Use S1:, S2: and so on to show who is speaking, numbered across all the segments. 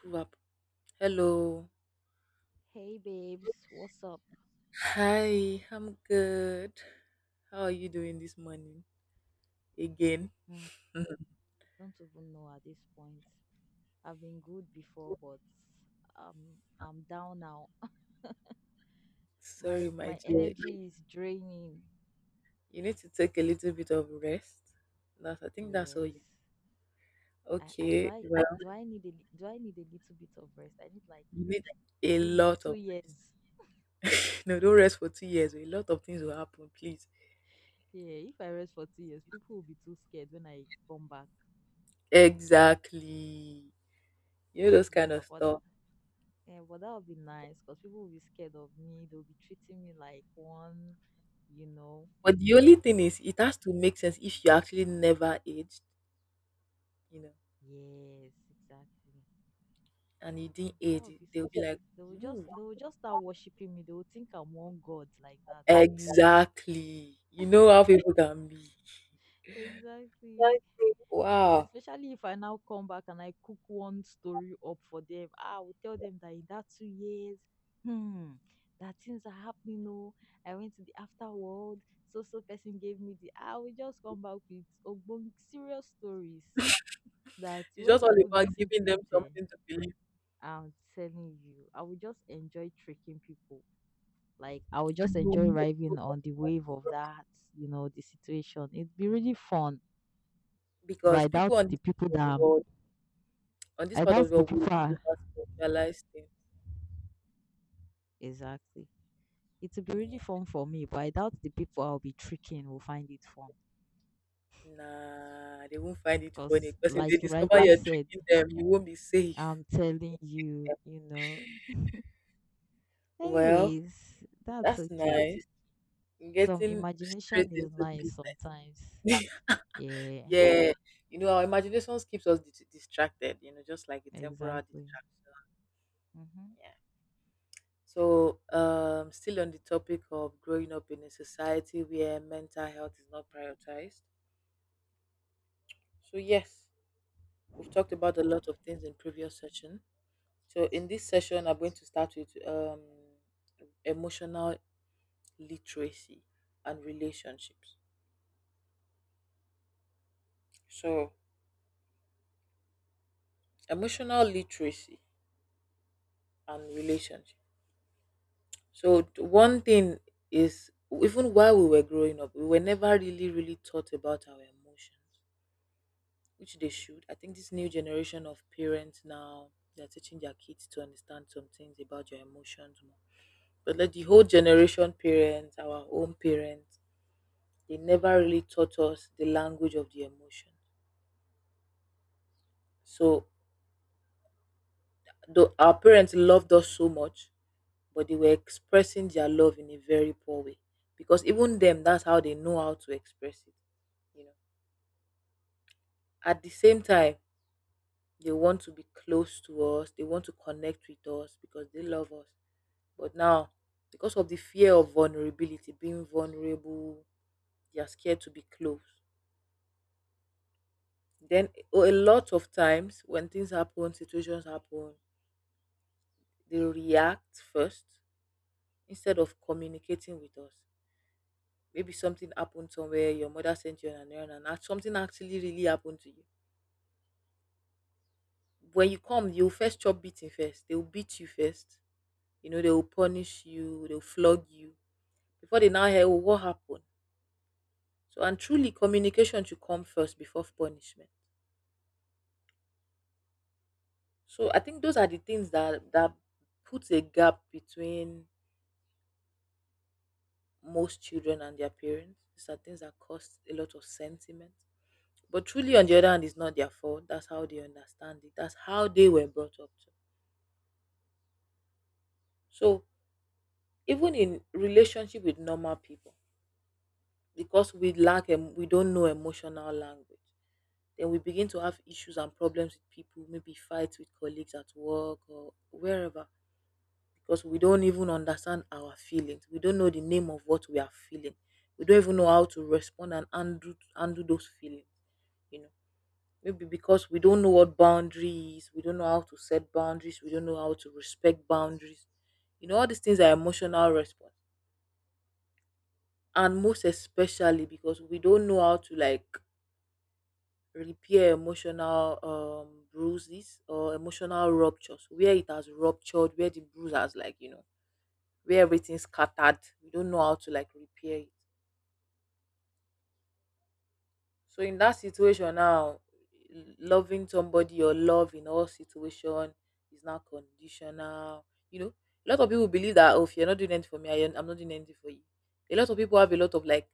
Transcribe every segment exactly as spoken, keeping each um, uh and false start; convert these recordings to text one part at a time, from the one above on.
S1: Prove up. Hello.
S2: Hey babes, what's up?
S1: Hi, I'm good. How are you doing this morning? Again.
S2: Mm, I don't even know at this point. I've been good before, but um, I'm down now. My
S1: Sorry, my
S2: my
S1: dear.
S2: energy is draining.
S1: You need to take a little bit of rest. That's, I think that's all you.
S2: Yes, I, I do
S1: Okay.
S2: I
S1: Well,
S2: do I need a li- do I need a little bit of rest? I need like
S1: you need a
S2: two ye-
S1: lot
S2: two
S1: of.
S2: years.
S1: No, don't rest for two years. A lot of things will happen, please.
S2: Yeah, if I rest for two years, people will be too scared when I come back.
S1: Exactly. You know, those kind
S2: Yeah,
S1: of
S2: but
S1: stuff.
S2: yeah, but that would be nice because people will be scared of me. They'll be treating me like one, you know.
S1: But the only thing is, it has to make sense if you actually never aged, you know,
S2: Yes, exactly.
S1: and you didn't
S2: Mm, that
S1: age,
S2: would be so
S1: they'll be
S2: sweet.
S1: like,
S2: They will just
S1: "Ooh,
S2: they will just start worshiping me. They will think I'm one god like that.
S1: exactly. You know how people can be.
S2: Exactly.
S1: Wow.
S2: Especially if I now come back and I cook one story up for them. Ah, I will tell them that in that two years, hmm, that things are happening. Oh, I went to the afterworld. So so person gave me the. I will just come back with ogbong serious stories that
S1: It's
S2: when
S1: just all
S2: people
S1: about
S2: listen
S1: giving
S2: to
S1: them
S2: it, eh,
S1: something to believe.
S2: I'm telling you, I will just enjoy tricking people. Like I would just
S1: And you
S2: enjoy
S1: make
S2: riding
S1: so much
S2: on the wave of
S1: pro-
S2: that, you know, the situation. It'd be really fun. But I
S1: because people
S2: doubt
S1: on
S2: the
S1: this
S2: people
S1: part
S2: that
S1: of the
S2: I'm-
S1: world, on this
S2: I
S1: part
S2: doubt
S1: of the
S2: the
S1: world,
S2: people are
S1: will over specialize things.
S2: exactly. It will be really
S1: Yeah.
S2: fun for me, but I doubt the people I'll be tricking will find it fun.
S1: Nah, they won't find it funny
S2: Because,
S1: because if they
S2: like you
S1: discover
S2: rightly
S1: you're
S2: said,
S1: tricking them, you won't be safe.
S2: I'm telling you, you know.
S1: Well,
S2: Anyways, that's
S1: that's
S2: okay.
S1: nice.
S2: Some
S1: Getting straight
S2: imagination
S1: into
S2: is
S1: business.
S2: nice sometimes. Yeah,
S1: Yeah. You know, our imaginations keeps us dis- distracted, you know, just like a temporal
S2: exactly.
S1: distraction.
S2: hmm
S1: Yeah. So, um, still on the topic of growing up in a society where mental health is not prioritized. So, yes, we've talked about a lot of things in previous session. So, in this session, I'm going to start with um, emotional literacy and relationships. So, emotional literacy and relationships. So, t- one thing is even while we were growing up, we were never really, really taught about our emotions which they should. I think this new generation of parents now they're teaching their kids to understand some things about your emotions more. But like the whole generation parents, our own parents, they never really taught us the language of the emotion. So though our parents loved us so much, but they were expressing their love in a very poor way. Because even them, that's how they know how to express it. You know. At the same time, they want to be close to us, they want to connect with us because they love us. But now, because of the fear of vulnerability, being vulnerable, they are scared to be close. Then o- a lot of times when things happen, situations happen, they react first instead of communicating with us. Maybe something happened somewhere, your mother sent you on an errand, and act- something actually really happened to you. When you come, you'll first chop beating first. They will beat you first. You know, they will punish you, they'll flog you. Before they now hear, oh, what happened? So, and truly, communication should come first before punishment. So I think those are the things that that puts a gap between most children and their parents. These are things that cause a lot of sentiment. But truly, on the other hand, it's not their fault. That's how they understand it. That's how they were brought up to. So even in relationship with normal people, because we lack em- we don't know emotional language, then we begin to have issues and problems with people. Maybe fights with colleagues at work or wherever because we don't even understand our feelings. We don't know the name of what we are feeling. We don't even know how to respond and undo undo those feelings. You know, maybe because we don't know what boundary is, we don't know how to set boundaries, we don't know how to respect boundaries. You know, all these things are emotional response. And most especially because we don't know how to like repair emotional um bruises or emotional ruptures where it has ruptured, where the bruise has like, you know, where everything's scattered. We don't know how to like repair it. So in that situation now, loving somebody or love in all situation is not conditional. You know, a lot of people believe that oh, if you're not doing anything for me, I, I'm not doing anything for you. A lot of people have a lot of like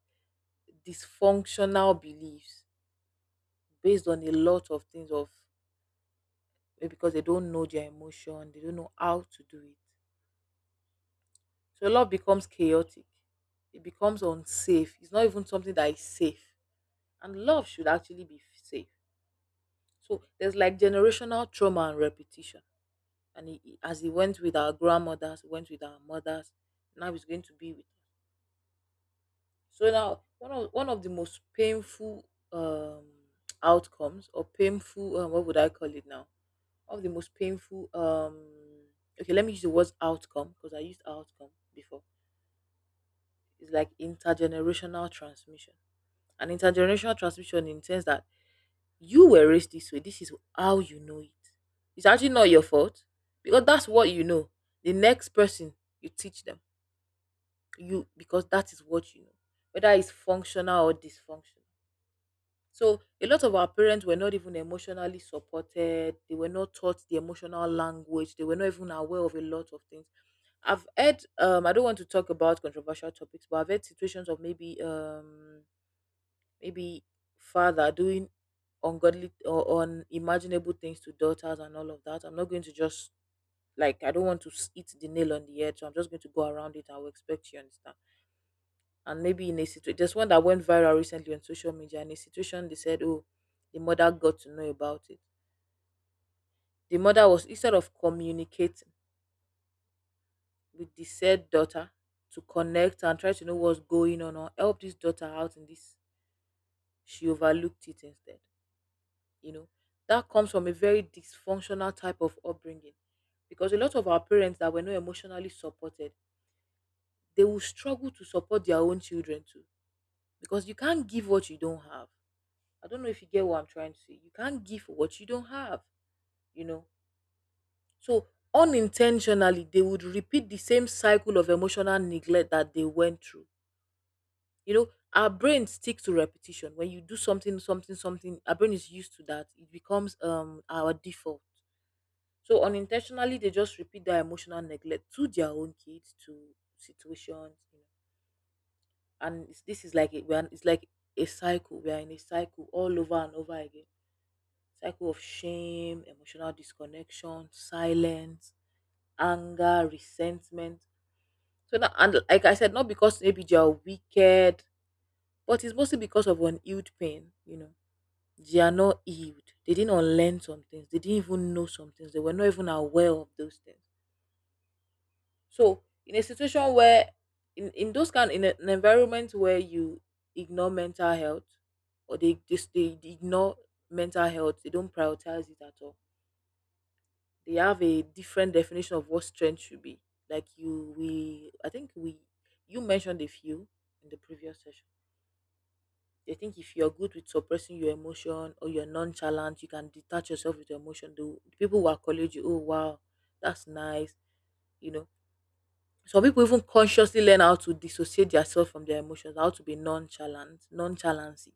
S1: dysfunctional beliefs based on a lot of things of eh, because they don't know their emotion, they don't know how to do it. So love becomes chaotic. It becomes unsafe. It's not even something that is safe. And love should actually be safe. So there's like generational trauma and repetition, and it, it- as he went with our grandmothers, went with our mothers, now he's going to be with us. So now one of one of the most painful um, outcomes or painful um, what would I call it now? One of the most painful um, okay, let me use the words outcome because I used outcome before. It's like intergenerational transmission. And intergenerational transmission intends that you were raised this way. This is how you know it. It's actually not your fault because that's what you know. The next person you teach them you because that is what you know, whether it's functional or dysfunctional. So a lot of our parents were not even emotionally supported. They were not taught the emotional language. They were not even aware of a lot of things. I've heard um I don't want to talk about controversial topics, but I've heard situations of maybe um maybe father doing ungodly or unimaginable things to daughters and all of that. I'm not going to just like I don't want to s- hit the nail on the head, so I'm just going to go around it. I will expect you understand. And maybe in a situation, there's one that went viral recently on social media. In a situation, they said, "Oh, the mother got to know about it." The mother was instead of communicating with the said daughter to connect and try to know what's going on or help this daughter out in this, she overlooked it instead. you know that comes from a very dysfunctional type of upbringing because a lot of our parents that were not emotionally supported, they will struggle to support their own children too because you can't give what you don't have. I don't know if you get what I'm trying to say. You can't give what you don't have you know so unintentionally they would repeat the same cycle of emotional neglect that they went through you know Our brain sticks to repetition. When you do something something something, our brain is used to that. It becomes um our default. So unintentionally, they just repeat their emotional neglect to their own kids, to situations, you know. And it's, this is like a, we are- it's like a cycle. We are in a cycle all over and over again. Cycle of shame, emotional disconnection, silence, anger, resentment. So now, and like I said, not because maybe they are wicked, but it's mostly because of unhealed pain. You know, they are not healed. They didn't unlearn some things. They didn't even know some things. They were not even aware of those things. So in a situation where in, in those kind in a- an environment where you ignore mental health or they just they they ignore mental health, they don't prioritize it at all. They have a different definition of what strength should be. Like you we I think we you mentioned a few in the previous session. They think if you're good with suppressing your emotion or you're nonchalant, you can detach yourself with your emotion. The the people who accolade you, oh wow, that's nice. You know, Some people even consciously learn how to dissociate themselves from their emotions, how to be nonchalant, nonchalancy.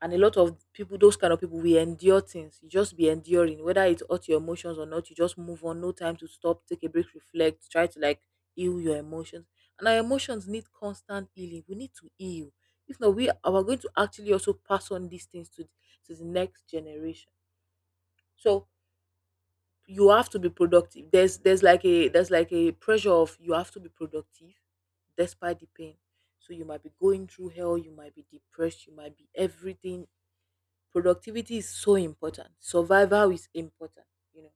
S1: And a lot of people, those kind of people, we endure things. You just be enduring, whether it hurt your emotions or not. You just move on. No time to stop, take a break, reflect, try to like heal your emotions. And our emotions need constant healing. We need to heal. If not, we are we're going to actually also pass on these things to to the next generation. So you have to be productive. There's there's like a there's like a pressure of you have to be productive despite the pain. So you might be going through hell, you might be depressed, you might be everything. Productivity is so important. Survival is important. you know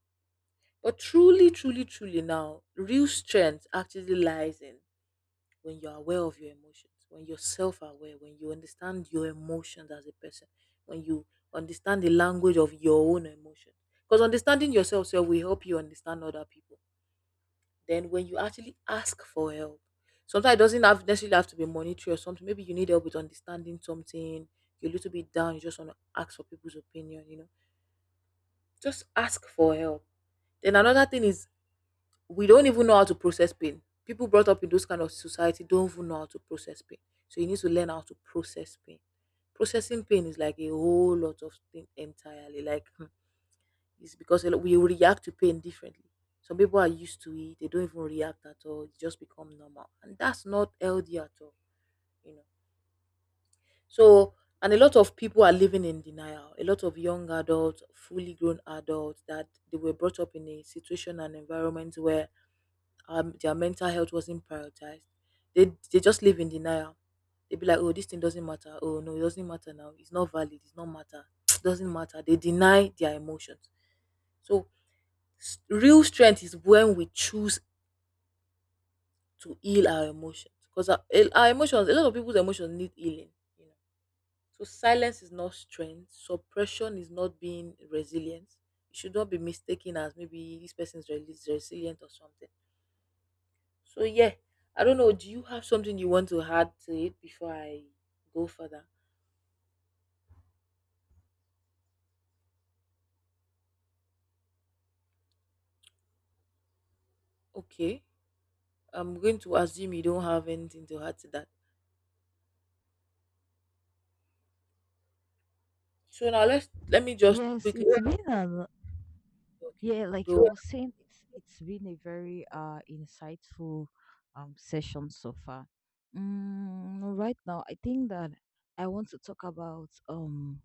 S1: but truly, truly, truly now, real strength actually lies in when you're aware of your emotions, when you're self aware, when you understand your emotions as a person, when you understand the language of your own emotions. Because understanding yourself self will help you understand other people. Then when you actually ask for help, sometimes it doesn't have necessarily have to be monetary or something. Maybe you need help with understanding something, you're a little bit down, you just want to ask for people's opinion, you know. Just ask for help. Then another thing is we don't even know how to process pain. People brought up in those kind of society don't even know how to process pain. So you need to learn how to process pain. Processing pain is like a whole lot of thing entirely. Like hmm, it's because a lot- we react to pain differently. Some people are used to it; they don't even react at all. It just become normal, and that's not healthy at all. You know. So and a lot of people are living in denial. A lot of young adults, fully grown adults, that they were brought up in a situation and environment where um, their mental health wasn't prioritized. They they just live in denial. They be like, oh, this thing doesn't matter. Oh no, it doesn't matter now. It's not valid. It's not matter. It doesn't matter. They deny their emotions. So s- real strength is when we choose to heal our emotions because our, eh, our emotions, a lot of people's emotions need healing. You know, so silence is not strength. Suppression is not being resilient. It should not be mistaken as maybe this person is rel- resilient or something. So yeah, I don't know. Do you have something you want to add to it before I go further? Okay, I'm going to assume you don't have anything to add to that. So now let's let me just
S2: Yes,
S1: quickly.
S2: it's been an
S1: Okay,
S2: yeah, like I
S1: go.
S2: was saying, it's it's been a very uh insightful um session so far. Mm, right now, I think that I want to talk about um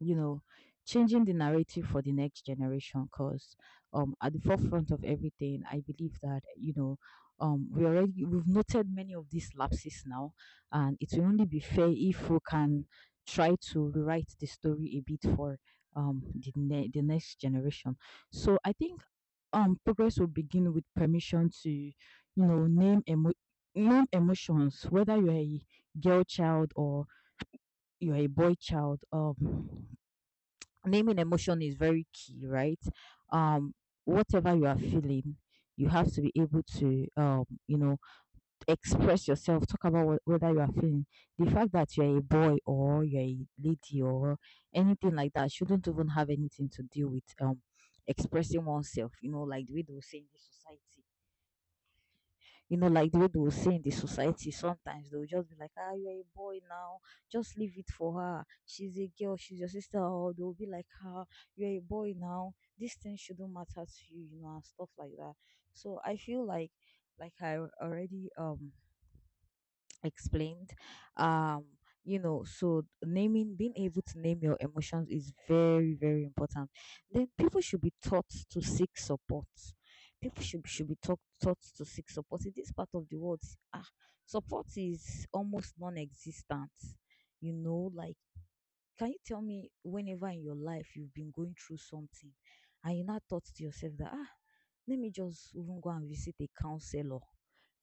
S2: you know, changing the narrative for the next generation. Because um, at the forefront of everything, I believe that you know, um, we already we've noted many of these lapses now, and it will only be fair if we can try to rewrite the story a bit for um the ne- the next generation. So I think um progress will begin with permission to, you know, name emo- name emotions, whether you're a girl child or you're a boy child. Um, naming emotion is very key, right? Um, whatever you are feeling, you have to be able to, um, you know, express yourself, talk about what, whether you are feeling. The fact that you're a boy or you're a lady or anything like that shouldn't even have anything to do with um expressing oneself, you know, like the way they will say in the society. You know, like the way they will say in the society, sometimes they'll just be like, ah, you're a boy now, just leave it for her. She's a girl, she's your sister, or they'll be like, ah, you're a boy now, this thing shouldn't matter to you, you know, and stuff like that. So I feel like like I already um explained um you know, so naming, being able to name your emotions is very very important. Then people should be taught to seek support. People should should be taught taught to seek support. In this part of the world, ah, support is almost non-existent. You know, like, can you tell me whenever in your life you've been going through something and you now thought to yourself that, ah, let me just even go and visit a counselor.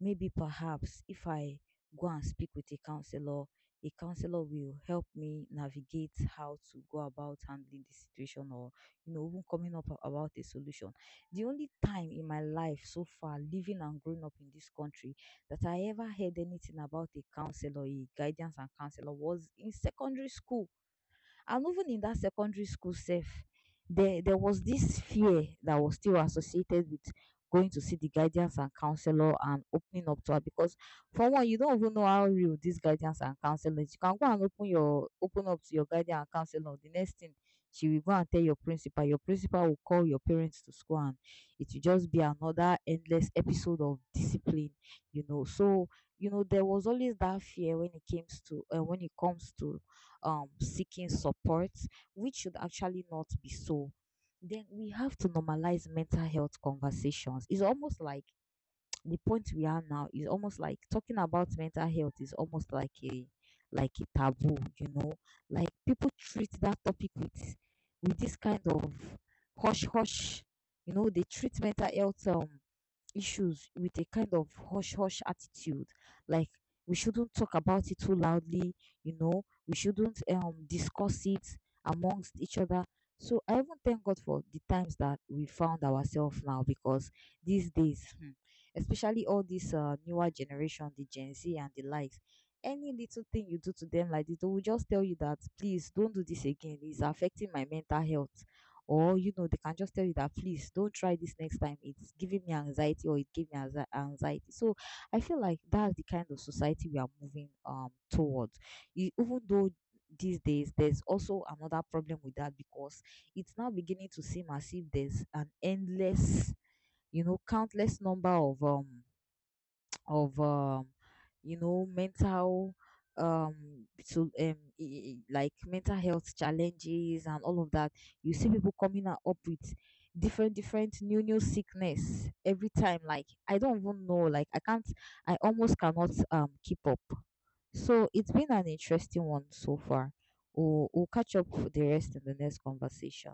S2: Maybe perhaps if I go and speak with a counselor, a counselor will help me navigate how to go about handling the situation or, you know, even coming up a- about a solution. The only time in my life so far, living and growing up in this country, that I ever heard anything about a counselor, a guidance and counselor, was in secondary school. And even in that secondary school self, there there was this fear that was still associated with going to see the guidance and counselor and opening up to her, because for one, you don't even know how real this guidance and counselor is. You can go and open your open up to your guidance and counselor. The next thing, she will go and tell your principal. Your principal will call your parents to school and it will just be another endless episode of discipline, you know. So, you know, there was always that fear when it comes to uh, when it comes to um, seeking support, which should actually not be so. Then we have to normalize mental health conversations. It's almost like the point we are now is almost like talking about mental health is almost like a like a taboo, you know. Like people treat that topic with with this kind of hush hush. You know, they treat mental health um issues with a kind of hush hush attitude, like we shouldn't talk about it too loudly, you know, we shouldn't um discuss it amongst each other. So I even thank God for the times that we found ourselves now, because these days, hmm, especially all this uh, newer generation, the Gen Z and the likes, any little thing you do to them like this, they will just tell you that please don't do this again, it's affecting my mental health. Or, you know, they can just tell you that please don't try this next time, it's giving me anxiety or it gave me anxi- anxiety. So I feel like that's the kind of society we are moving um towards. E- even though these days there's also another problem with that, because it's now beginning to seem as if there's an endless, you know, countless number of um of um you know, mental um so um i- i- like mental health challenges and all of that. You see people coming out up with different different new new sickness every time. Like I don't even know, like I can't, I almost cannot um keep up. So it's been an interesting one so far. We'll, we'll catch up for the rest in the next conversation.